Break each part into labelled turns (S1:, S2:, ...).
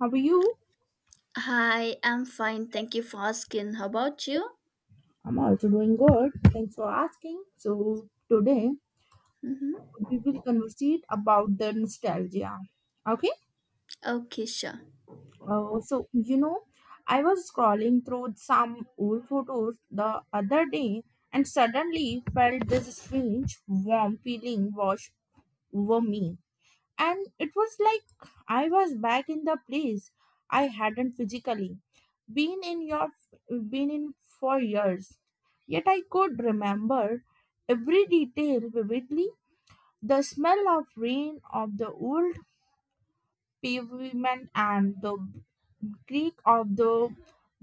S1: How are you?
S2: Hi, I'm fine. Thank you for asking. How about you?
S1: I'm also doing good. Thanks for asking. So today
S2: Hmm.
S1: we will conversate about the nostalgia. Okay.
S2: Okay, sure.
S1: Uh, so you know, I was scrolling through some old photos the other day and suddenly felt this strange warm feeling wash over me. And it was like I was back in the place I hadn't physically been in your been in for years. Yet I could remember every detail vividly: the smell of rain, of the old pavement, and the creak of the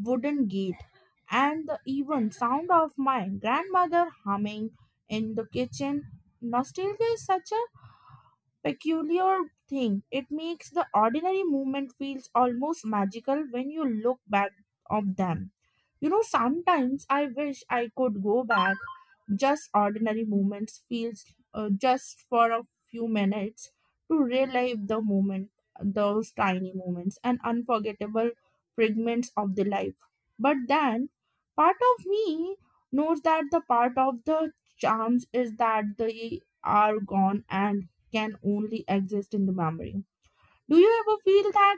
S1: wooden gate, and the even sound of my grandmother humming in the kitchen. Nostalgia is such a peculiar thing. It makes the ordinary movement feels almost magical when you look back of them. You know, sometimes I wish I could go back just ordinary moments feels, just for a few minutes to relive the moment, those tiny moments and unforgettable fragments of the life. But then part of me knows that the part of the charms is that they are gone and can only exist in the memory. Do you ever feel that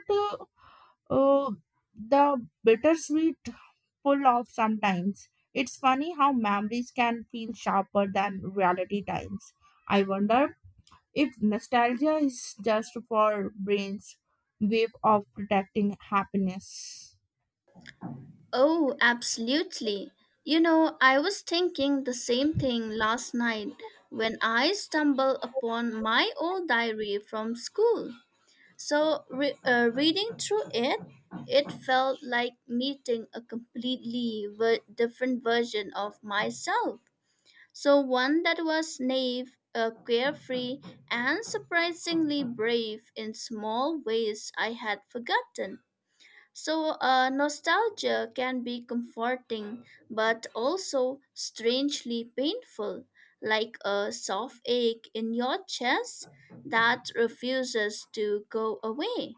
S1: uh, uh, the bittersweet pull off sometimes. It's funny how memories can feel sharper than reality times. I wonder if nostalgia is just for brains wave of protecting happiness.
S2: Oh, absolutely. You know, I was thinking the same thing last night when I stumbled upon my old diary from school. Reading through it, it felt like meeting a completely different version of myself. So one that was naive, carefree, and surprisingly brave in small ways I had forgotten. Nostalgia can be comforting, but also strangely painful, like a soft ache in your chest that refuses to go away.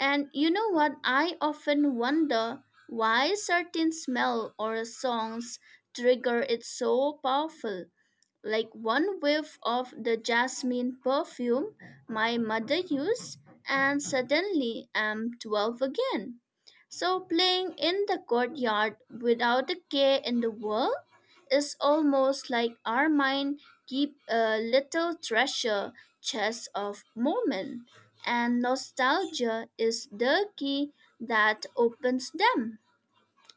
S2: And you know what? I often wonder why certain smell or songs trigger it so powerful, like one whiff of the jasmine perfume my mother used, and suddenly I'm 12 again. So, playing in the courtyard without a care in the world is almost like our mind keep a little treasure chest of moment, and nostalgia is the key that opens them.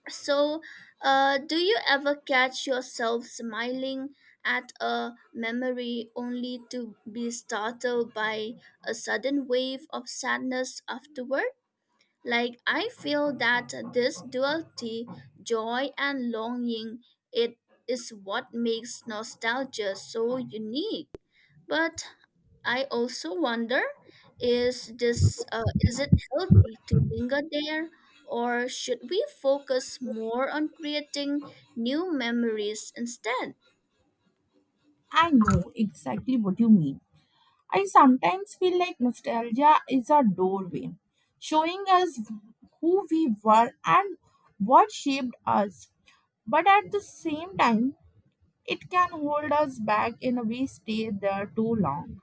S2: So, do you ever catch yourself smiling at a memory only to be startled by a sudden wave of sadness afterward? Like, I feel that this duality, joy and longing, it is what makes nostalgia so unique. But I also wonder, is it healthy to linger there, or should we focus more on creating new memories instead?
S1: I know exactly what you mean. I sometimes feel like nostalgia is a doorway, showing us who we were and what shaped us. But at the same time, it can hold us back in a way stay there too long.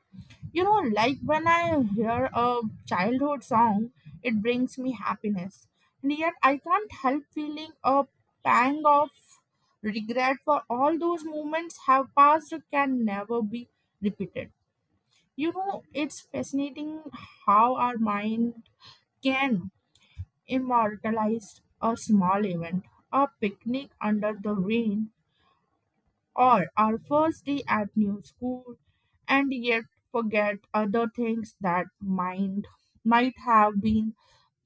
S1: You know, like when I hear a childhood song, it brings me happiness, and yet I can't help feeling a pang of regret for all those moments have passed can never be repeated. You know, it's fascinating how our mind can immortalize a small event, a picnic under the rain or our first day at new school, and yet forget other things that mind might have been,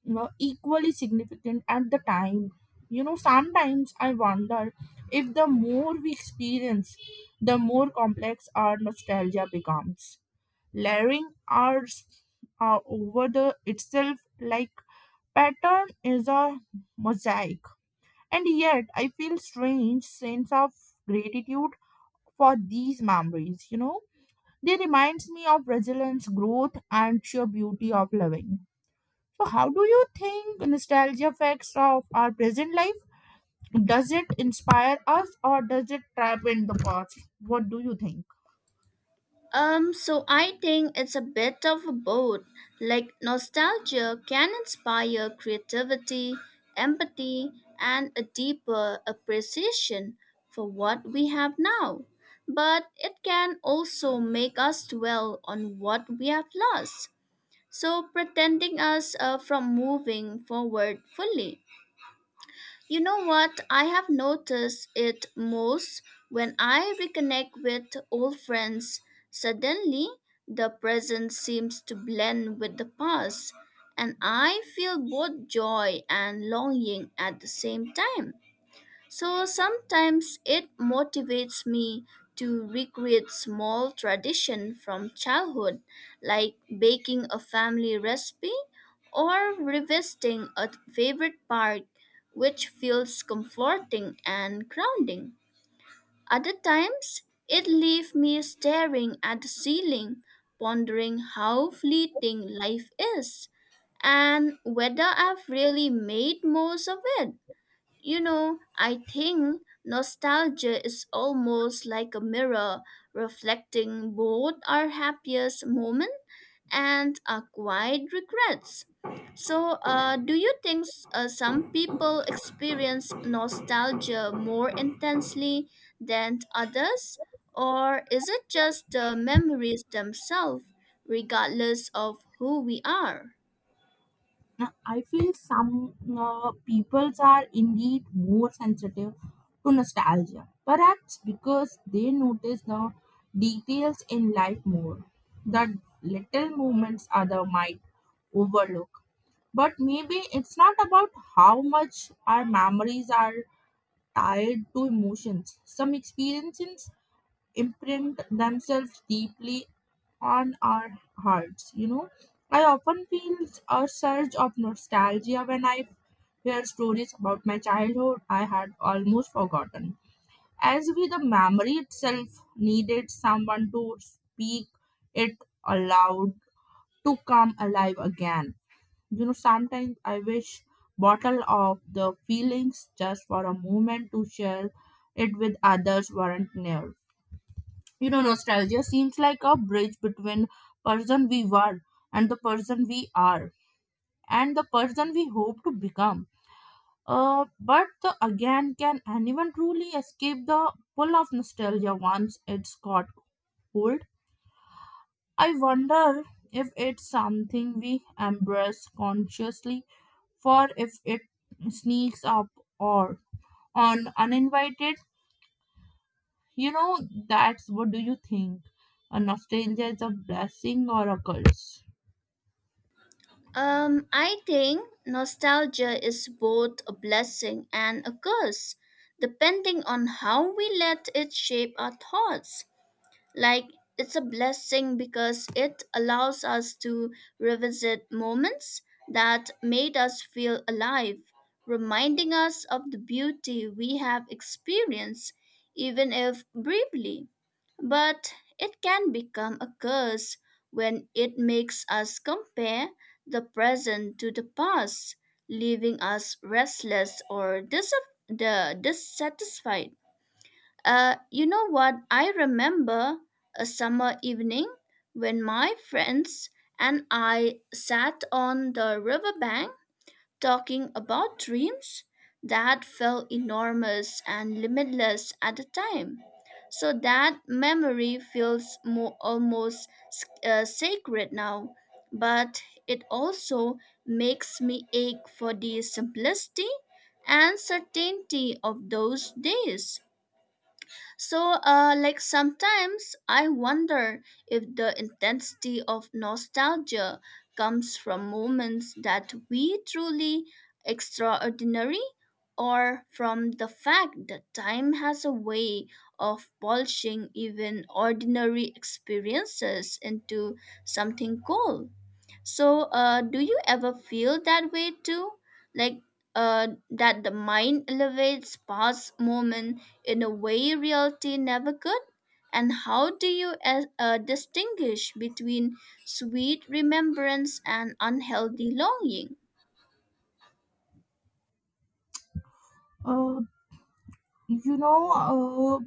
S1: you know, equally significant at the time. You know, sometimes I wonder if the more we experience, the more complex our nostalgia becomes, layering ours over the itself like pattern is a mosaic. And yet I feel strange sense of gratitude for these memories, you know. They reminds me of resilience, growth and sheer beauty of living. So how do you think nostalgia affects of our present life? Does it inspire us or does it trap in the past? What do you think?
S2: So I think it's a bit of a both. Like, nostalgia can inspire creativity, empathy, and a deeper appreciation for what we have now. But it can also make us dwell on what we have lost. Pretending us from moving forward fully. You know what? I have noticed it most when I reconnect with old friends. Suddenly, the present seems to blend with the past, and I feel both joy and longing at the same time. So sometimes it motivates me to recreate small tradition from childhood, like baking a family recipe or revisiting a favorite park, which feels comforting and grounding. Other times it leaves me staring at the ceiling, pondering how fleeting life is and whether I've really made most of it. You know, I think nostalgia is almost like a mirror reflecting both our happiest moment and our quiet regrets. Do you think some people experience nostalgia more intensely than others? Or is it just the memories themselves, regardless of who we are?
S1: Now I feel some peoples are indeed more sensitive to nostalgia, perhaps because they notice the details in life more. The little moments other might overlook. But maybe it's not about how much our memories are tied to emotions. Some experiences imprint themselves deeply on our hearts. You know, I often feel a surge of nostalgia when I hear stories about my childhood I had almost forgotten. As with the memory itself needed someone to speak it aloud to come alive again. You know, sometimes I wish bottle of the feelings just for a moment to share it with others weren't near. You know, nostalgia seems like a bridge between person we were and the person we are and the person we hope to become. uh, but again, can anyone truly escape the pull of nostalgia once it's got hold? I wonder if it's something we embrace consciously for if it sneaks up or on uninvited. You know, that's what do you think, a nostalgia is a blessing or a curse?
S2: I think nostalgia is both a blessing and a curse, depending on how we let it shape our thoughts. Like, it's a blessing because it allows us to revisit moments that made us feel alive, reminding us of the beauty we have experienced, even if briefly. But it can become a curse when it makes us compare the present to the past, leaving us restless or dis- the dissatisfied. You know what? I remember a summer evening when my friends and I sat on the riverbank talking about dreams that felt enormous and limitless at the time. So that memory feels more almost sacred now, but it also makes me ache for the simplicity and certainty of those days. Like sometimes I wonder if the intensity of nostalgia comes from moments that we truly extraordinary, or from the fact that time has a way of polishing even ordinary experiences into something cool. Do you ever feel that way too? Like that the mind elevates past moment in a way reality never could? And how do you distinguish between sweet remembrance and unhealthy longing?
S1: Uh, you know, uh,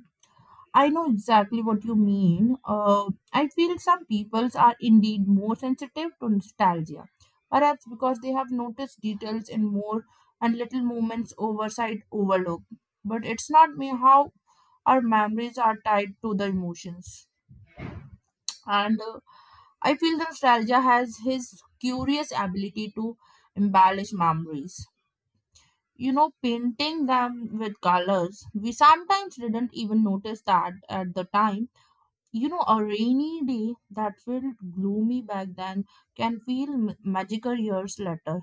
S1: I know exactly what you mean. I feel some peoples are indeed more sensitive to nostalgia, perhaps because they have noticed details in more and little moments oversight overlook. But it's not me how our memories are tied to the emotions. And I feel the nostalgia has his curious ability to embellish memories. You know, painting them with colors. We sometimes didn't even notice that at the time. You know, a rainy day that felt gloomy back then can feel magical years later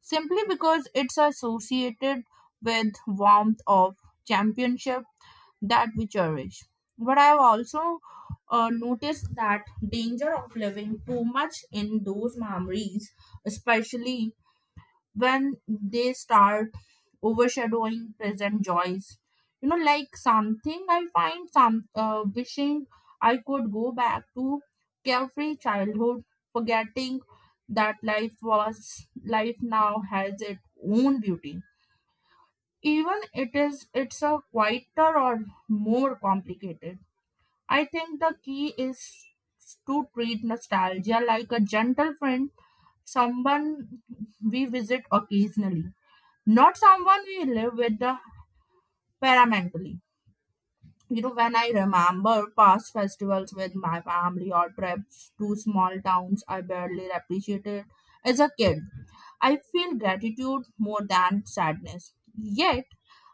S1: simply because it's associated with warmth of championship that we cherish. But I've also noticed that danger of living too much in those memories, especially when they start overshadowing present joys. You know, like something I find some, wishing I could go back to carefree childhood, forgetting that life now has its own beauty, even it is it's a quieter or more complicated. I think the key is to treat nostalgia like a gentle friend, someone we visit occasionally, not someone we live with permanently. You know, when I remember past festivals with my family or trips to small towns I barely appreciated as a kid, I feel gratitude more than sadness. Yet,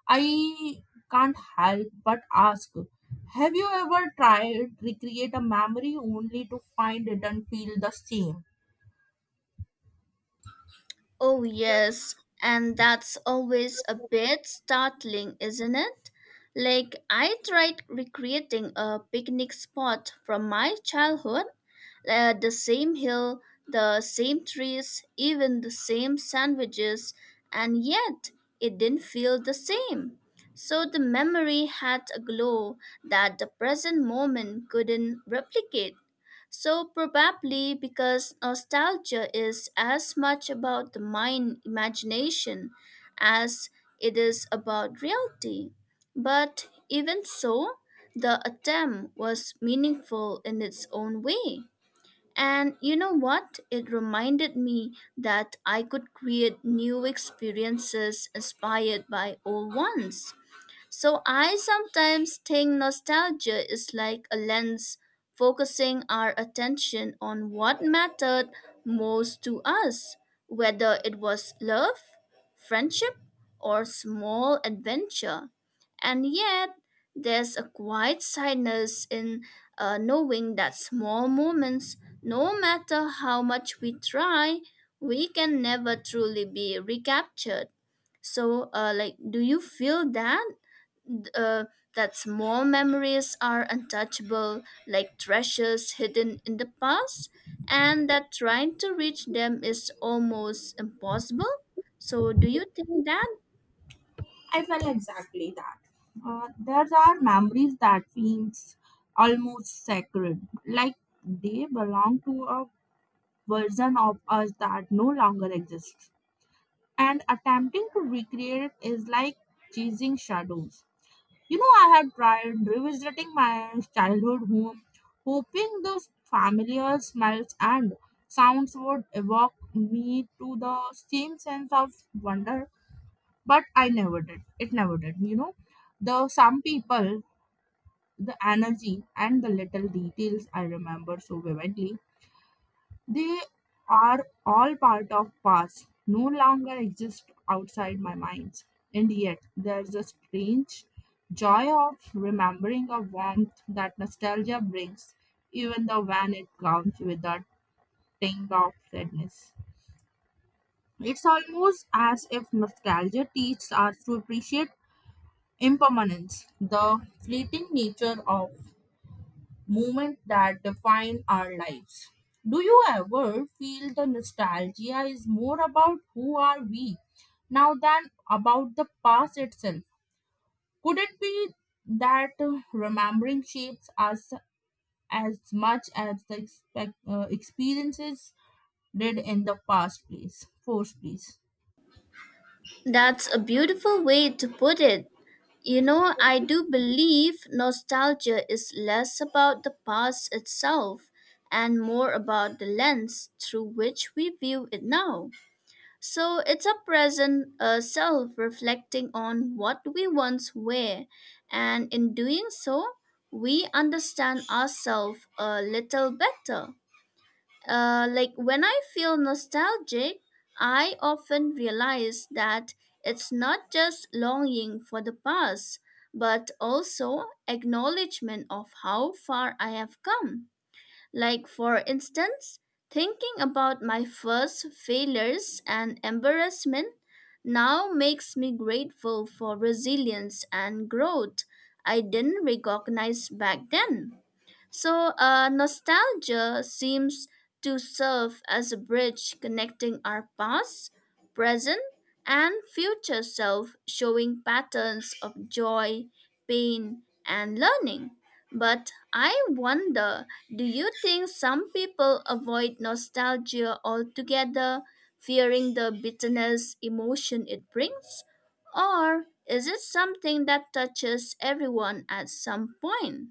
S1: I can't help but ask, have you ever tried recreate a memory only to find it and feel the same?
S2: Oh, yes, and that's always a bit startling, isn't it? Like, I tried recreating a picnic spot from my childhood, the same hill, the same trees, even the same sandwiches, and yet it didn't feel the same. So the memory had a glow that the present moment couldn't replicate. So, probably because nostalgia is as much about the mind imagination as it is about reality. But even so, the attempt was meaningful in its own way. And you know what? It reminded me that I could create new experiences inspired by old ones. So I sometimes think nostalgia is like a lens focusing our attention on what mattered most to us, whether it was love, friendship, or small adventure. And yet, there's a quiet sadness in knowing that small moments, no matter how much we try, we can never truly be recaptured. Do you feel that? uh, that small memories are untouchable, like treasures hidden in the past, and that trying to reach them is almost impossible. So, do you think that?
S1: I felt exactly that. There are memories that feels almost sacred, like they belong to a version of us that no longer exists. And attempting to recreate it is like chasing shadows. You know, I had tried revisiting my childhood home, hoping those familiar smells and sounds would evoke me to the same sense of wonder, but I never did, it never did. You know, the some people, the energy and the little details I remember so vividly, they are all part of past no longer exist outside my minds. And yet there's a strange joy of remembering a warmth that nostalgia brings, even though when it comes with a tinge of sadness. It's almost as if nostalgia teaches us to appreciate impermanence, the fleeting nature of movement that define our lives. Do you ever feel the nostalgia is more about who are we now than about the past itself? Could it be that remembering shapes us as much as the experiences did in the past, please? Force, please.
S2: That's a beautiful way to put it. You know, I do believe nostalgia is less about the past itself and more about the lens through which we view it now. So it's a present self reflecting on what we once were, and in doing so, we understand ourselves a little better. Like when I feel nostalgic, I often realize that it's not just longing for the past, but also acknowledgement of how far I have come. Like, for instance, thinking about my first failures and embarrassment now makes me grateful for resilience and growth I didn't recognize back then. Nostalgia seems to serve as a bridge connecting our past, present, and future self, showing patterns of joy, pain, and learning. But I wonder, do you think some people avoid nostalgia altogether, fearing the bitterness emotion it brings? Or is it something that touches everyone at some point?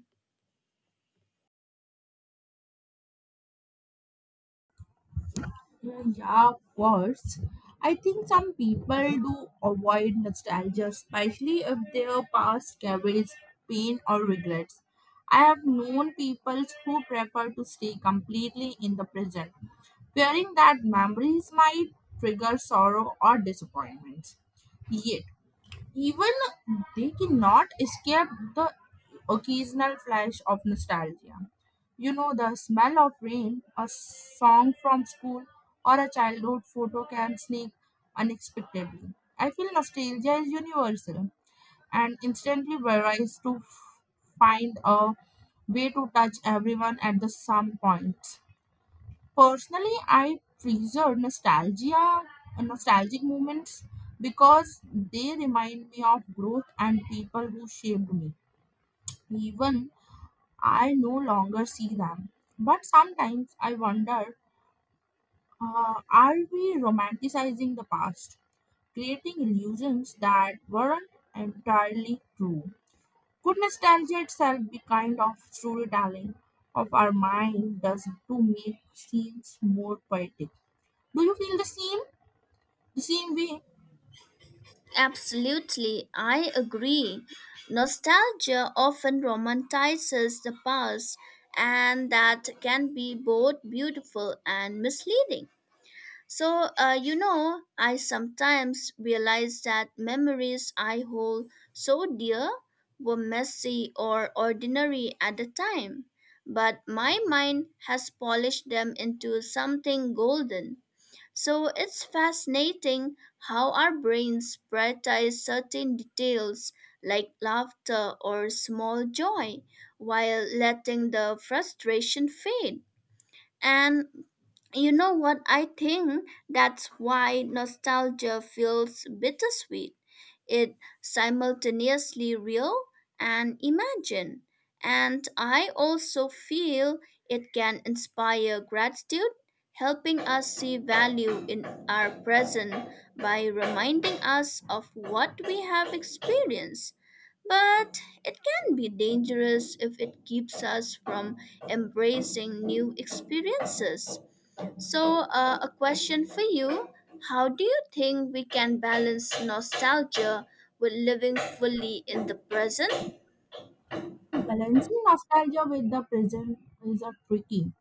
S1: Mm, yeah, of course. I think some people do avoid nostalgia, especially if their past carries pain or regrets. I have known people who prefer to stay completely in the present, fearing that memories might trigger sorrow or disappointment. Yet, even they cannot escape the occasional flash of nostalgia. You know, the smell of rain, a song from school, or a childhood photo can sneak unexpectedly. I feel nostalgia is universal and instantly varies to find a way to touch everyone at the some point. Personally, I treasure nostalgia, nostalgic moments because they remind me of growth and people who shaped me. Even I no longer see them. But sometimes I wonder, are we romanticizing the past, creating illusions that weren't entirely true? Could nostalgia itself be kind of storytelling of our mind does to make scenes more poetic? Do you feel the same? The same way?
S2: Absolutely, I agree. Nostalgia often romanticizes the past, and that can be both beautiful and misleading. You know, I sometimes realize that memories I hold so dear were messy or ordinary at the time, but my mind has polished them into something golden. So it's fascinating how our brains prioritize certain details like laughter or small joy, while letting the frustration fade. And you know what? I think that's why nostalgia feels bittersweet. It simultaneously real and imagined. And I also feel it can inspire gratitude, helping us see value in our present by reminding us of what we have experienced. But it can be dangerous if it keeps us from embracing new experiences. A question for you: how do you think we can balance nostalgia with living fully in the present?
S1: Balancing nostalgia with the present is a tricky.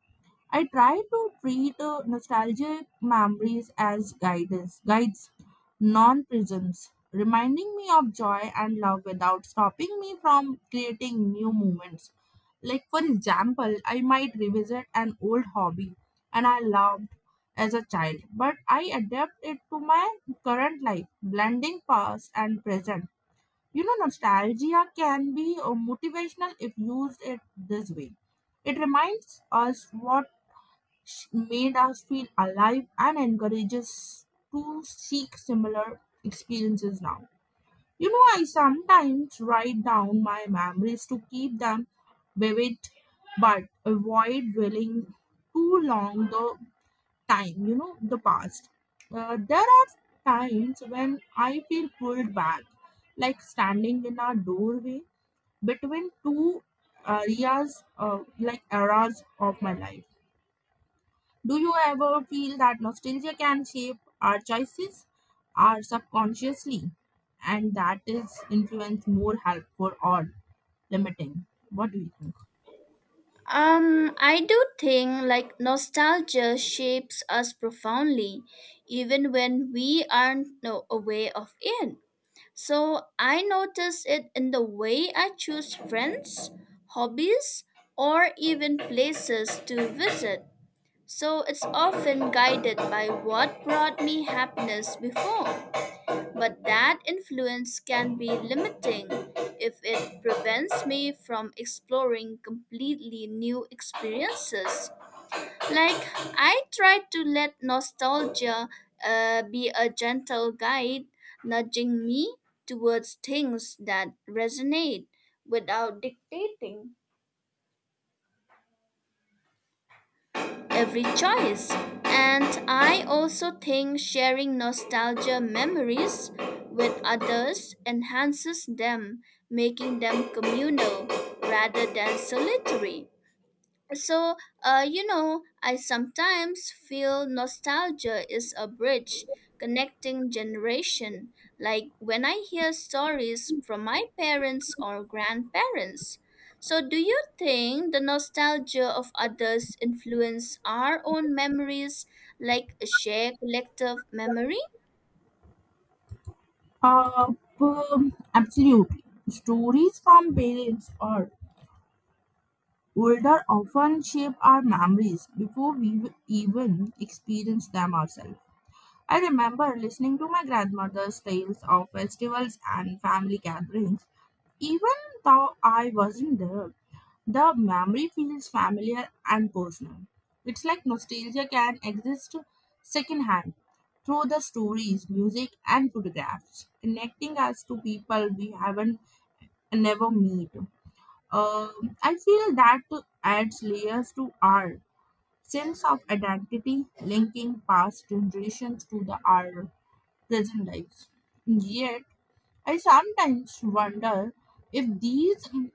S1: I try to treat nostalgic memories as guidance, guides, non-prisms, reminding me of joy and love without stopping me from creating new moments. Like for example, I might revisit an old hobby and I loved as a child, but I adapt it to my current life, blending past and present. You know, nostalgia can be motivational if used it this way. It reminds us what made us feel alive and encourages to seek similar experiences now. You know, I sometimes write down my memories to keep them vivid but avoid dwelling too long the time, you know, the past. There are times when I feel pulled back, like standing in a doorway between two areas, like eras of my life. Do you ever feel that nostalgia can shape our choices, our subconsciously, and that is influence more helpful or limiting? What do you think?
S2: I do think like nostalgia shapes us profoundly, even when we aren't no, aware of it. So I notice it in the way I choose friends, hobbies, or even places to visit. So it's often guided by what brought me happiness before. But that influence can be limiting if it prevents me from exploring completely new experiences. Like, I try to let nostalgia be a gentle guide, nudging me towards things that resonate without dictating every choice. And I also think sharing nostalgia memories with others enhances them, making them communal rather than solitary. So, you know, I sometimes feel nostalgia is a bridge connecting generation, like when I hear stories from my parents or grandparents. So, do you think the nostalgia of others influence our own memories, like a shared collective memory?
S1: Uh, Absolutely. Stories from parents or older often shape our memories before we even experience them ourselves. I remember listening to my grandmother's tales of festivals and family gatherings, even though I wasn't there. The memory feels familiar and personal. It's like nostalgia can exist secondhand through the stories, music, and photographs, connecting us to people we haven't never meet. I feel that adds layers to our sense of identity, linking past generations to the our present lives. Yet, I sometimes wonder if these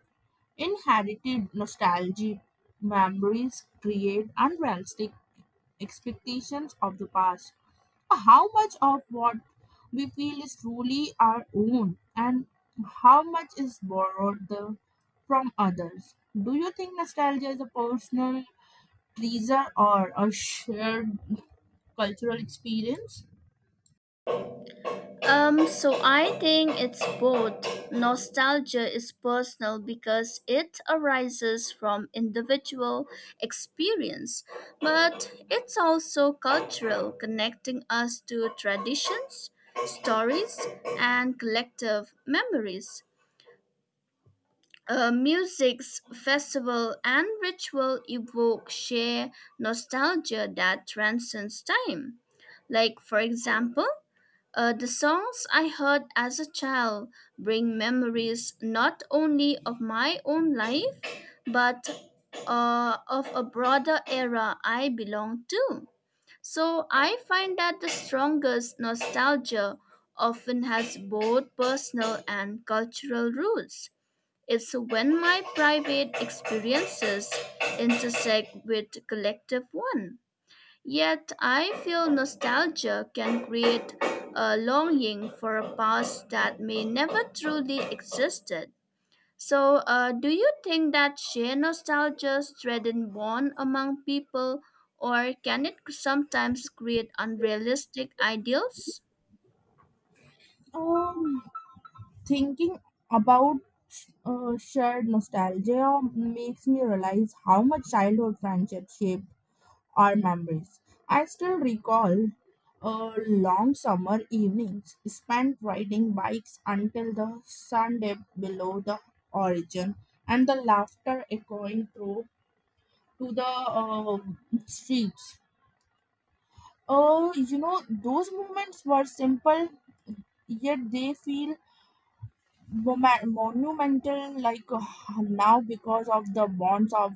S1: inherited nostalgic memories create unrealistic expectations of the past. How much of what we feel is truly our own and how much is borrowed the, from others? Do you think nostalgia is a personal pleaser or a shared cultural experience?
S2: So I think it's both. Nostalgia is personal because it arises from individual experience, but it's also cultural, connecting us to traditions, stories, and collective memories. Music's festival and ritual evoke sheer nostalgia that transcends time. Like, for example, the songs I heard as a child bring memories not only of my own life, but of a broader era I belong to. So I find that the strongest nostalgia often has both personal and cultural roots. It's when my private experiences intersect with collective one. Yet I feel nostalgia can create a longing for a past that may never truly existed. Do you think that shared nostalgia strengthens bond among people, or can it sometimes create unrealistic ideals?
S1: Um, Thinking about shared nostalgia makes me realize how much childhood friendships shape our memories. I still recall long summer evenings spent riding bikes until the sun dipped below the horizon and the laughter echoing through to the uh, streets. Oh, you know, those moments were simple, yet they feel monumental like now because of the bonds of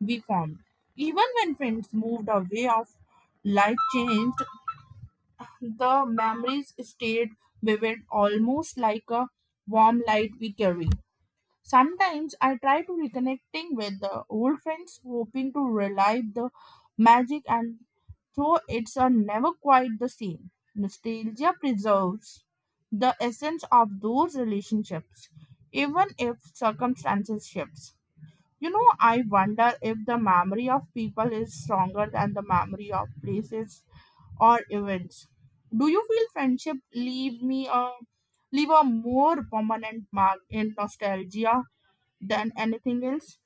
S1: we formed. Even when friends moved away of life changed, the memories stayed vivid, almost like a warm light we carry. Sometimes I try to reconnecting with the old friends, hoping to relive the magic, and though it's never quite the same. Nostalgia preserves the essence of those relationships, even if circumstances shift. You know, I wonder if the memory of people is stronger than the memory of places or events. Do you feel friendship leave a more permanent mark in nostalgia than anything else?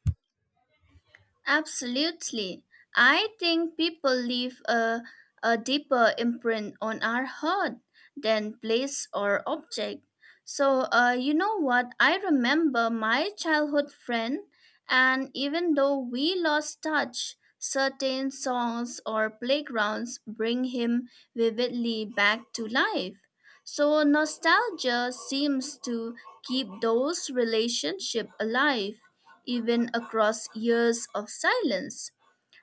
S2: Absolutely. I think people leave a deeper imprint on our heart than place or object. You know what? I remember my childhood friend, and even though we lost touch, certain songs or playgrounds bring him vividly back to life. So, nostalgia seems to keep those relationships alive even across years of silence.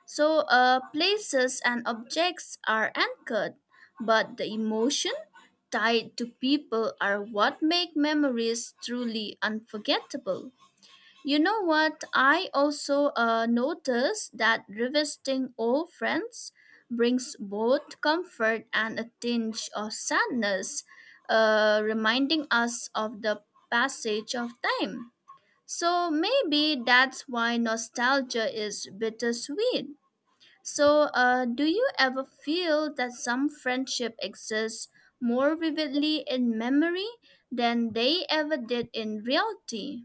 S2: Places and objects are anchored, but the emotion tied to people are what make memories truly unforgettable. You know what? I also noticed that revisiting old friends brings both comfort and a tinge of sadness, reminding us of the passage of time. So maybe that's why nostalgia is bittersweet. Do you ever feel that some friendship exists more vividly in memory than they ever did in reality?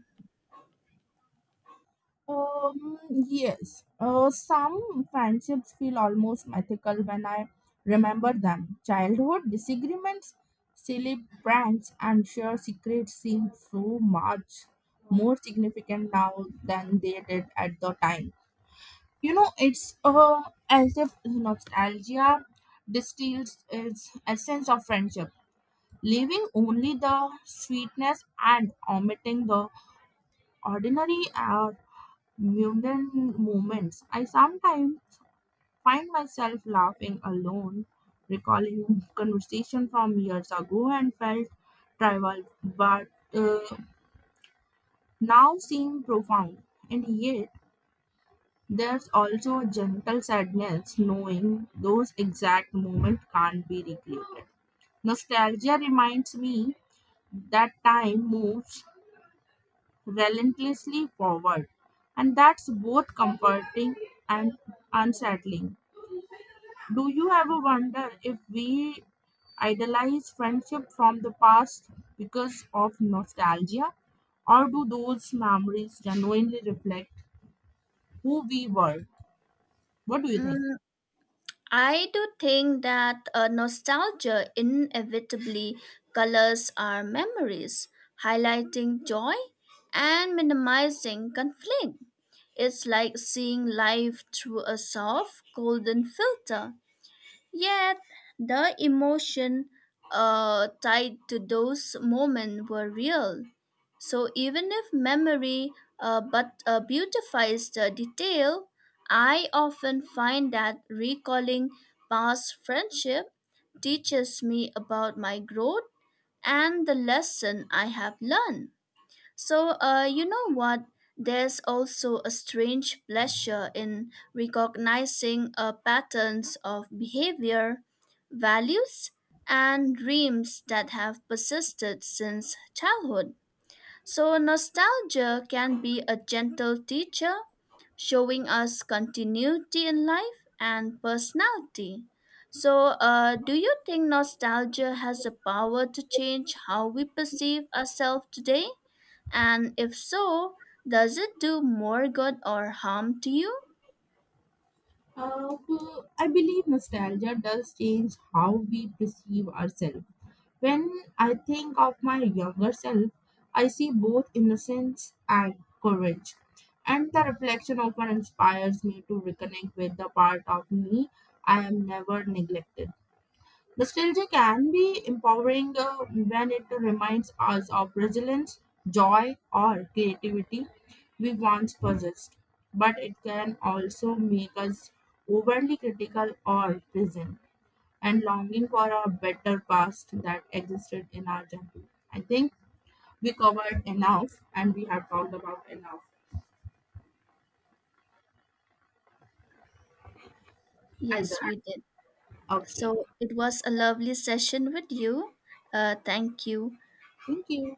S1: Yes. Some friendships feel almost mythical when I remember them. Childhood disagreements, silly pranks, and shared secrets seem so much more significant now than they did at the time. You know, it's as if nostalgia distills its essence of friendship, leaving only the sweetness and omitting the ordinary mundane moments. I sometimes find myself laughing alone, recalling conversation from years ago and felt trivial, but uh, now seem profound. And yet, there's also a gentle sadness knowing those exact moments can't be recreated. Nostalgia reminds me that time moves relentlessly forward. And that's both comforting and unsettling. Do you ever wonder if we idolize friendship from the past because of nostalgia? Or do those memories genuinely reflect who we were? What do you think?
S2: Mm, I do think that nostalgia inevitably colors our memories, highlighting joy and minimizing conflict. It's like seeing life through a soft, golden filter. Yet, the emotion tied to those moments were real. So, even if memory but beautifies the detail, I often find that recalling past friendship teaches me about my growth and the lesson I have learned. You know what? There's also a strange pleasure in recognizing patterns of behavior, values, and dreams that have persisted since childhood. So, nostalgia can be a gentle teacher, showing us continuity in life and personality. Do you think nostalgia has the power to change how we perceive ourselves today? And if so, does it do more good or harm to you?
S1: Uh, well, I believe nostalgia does change how we perceive ourselves. When I think of my younger self, I see both innocence and courage. And the reflection often inspires me to reconnect with the part of me I am never neglected. Nostalgia can be empowering when it reminds us of resilience, joy, or creativity we once possessed, but it can also make us overly critical or present and longing for a better past that existed in our childhood. I think we covered enough and we have talked about enough either.
S2: Yes, we did.
S1: Okay,
S2: So, it was a lovely session with you. Thank you.
S1: thank you.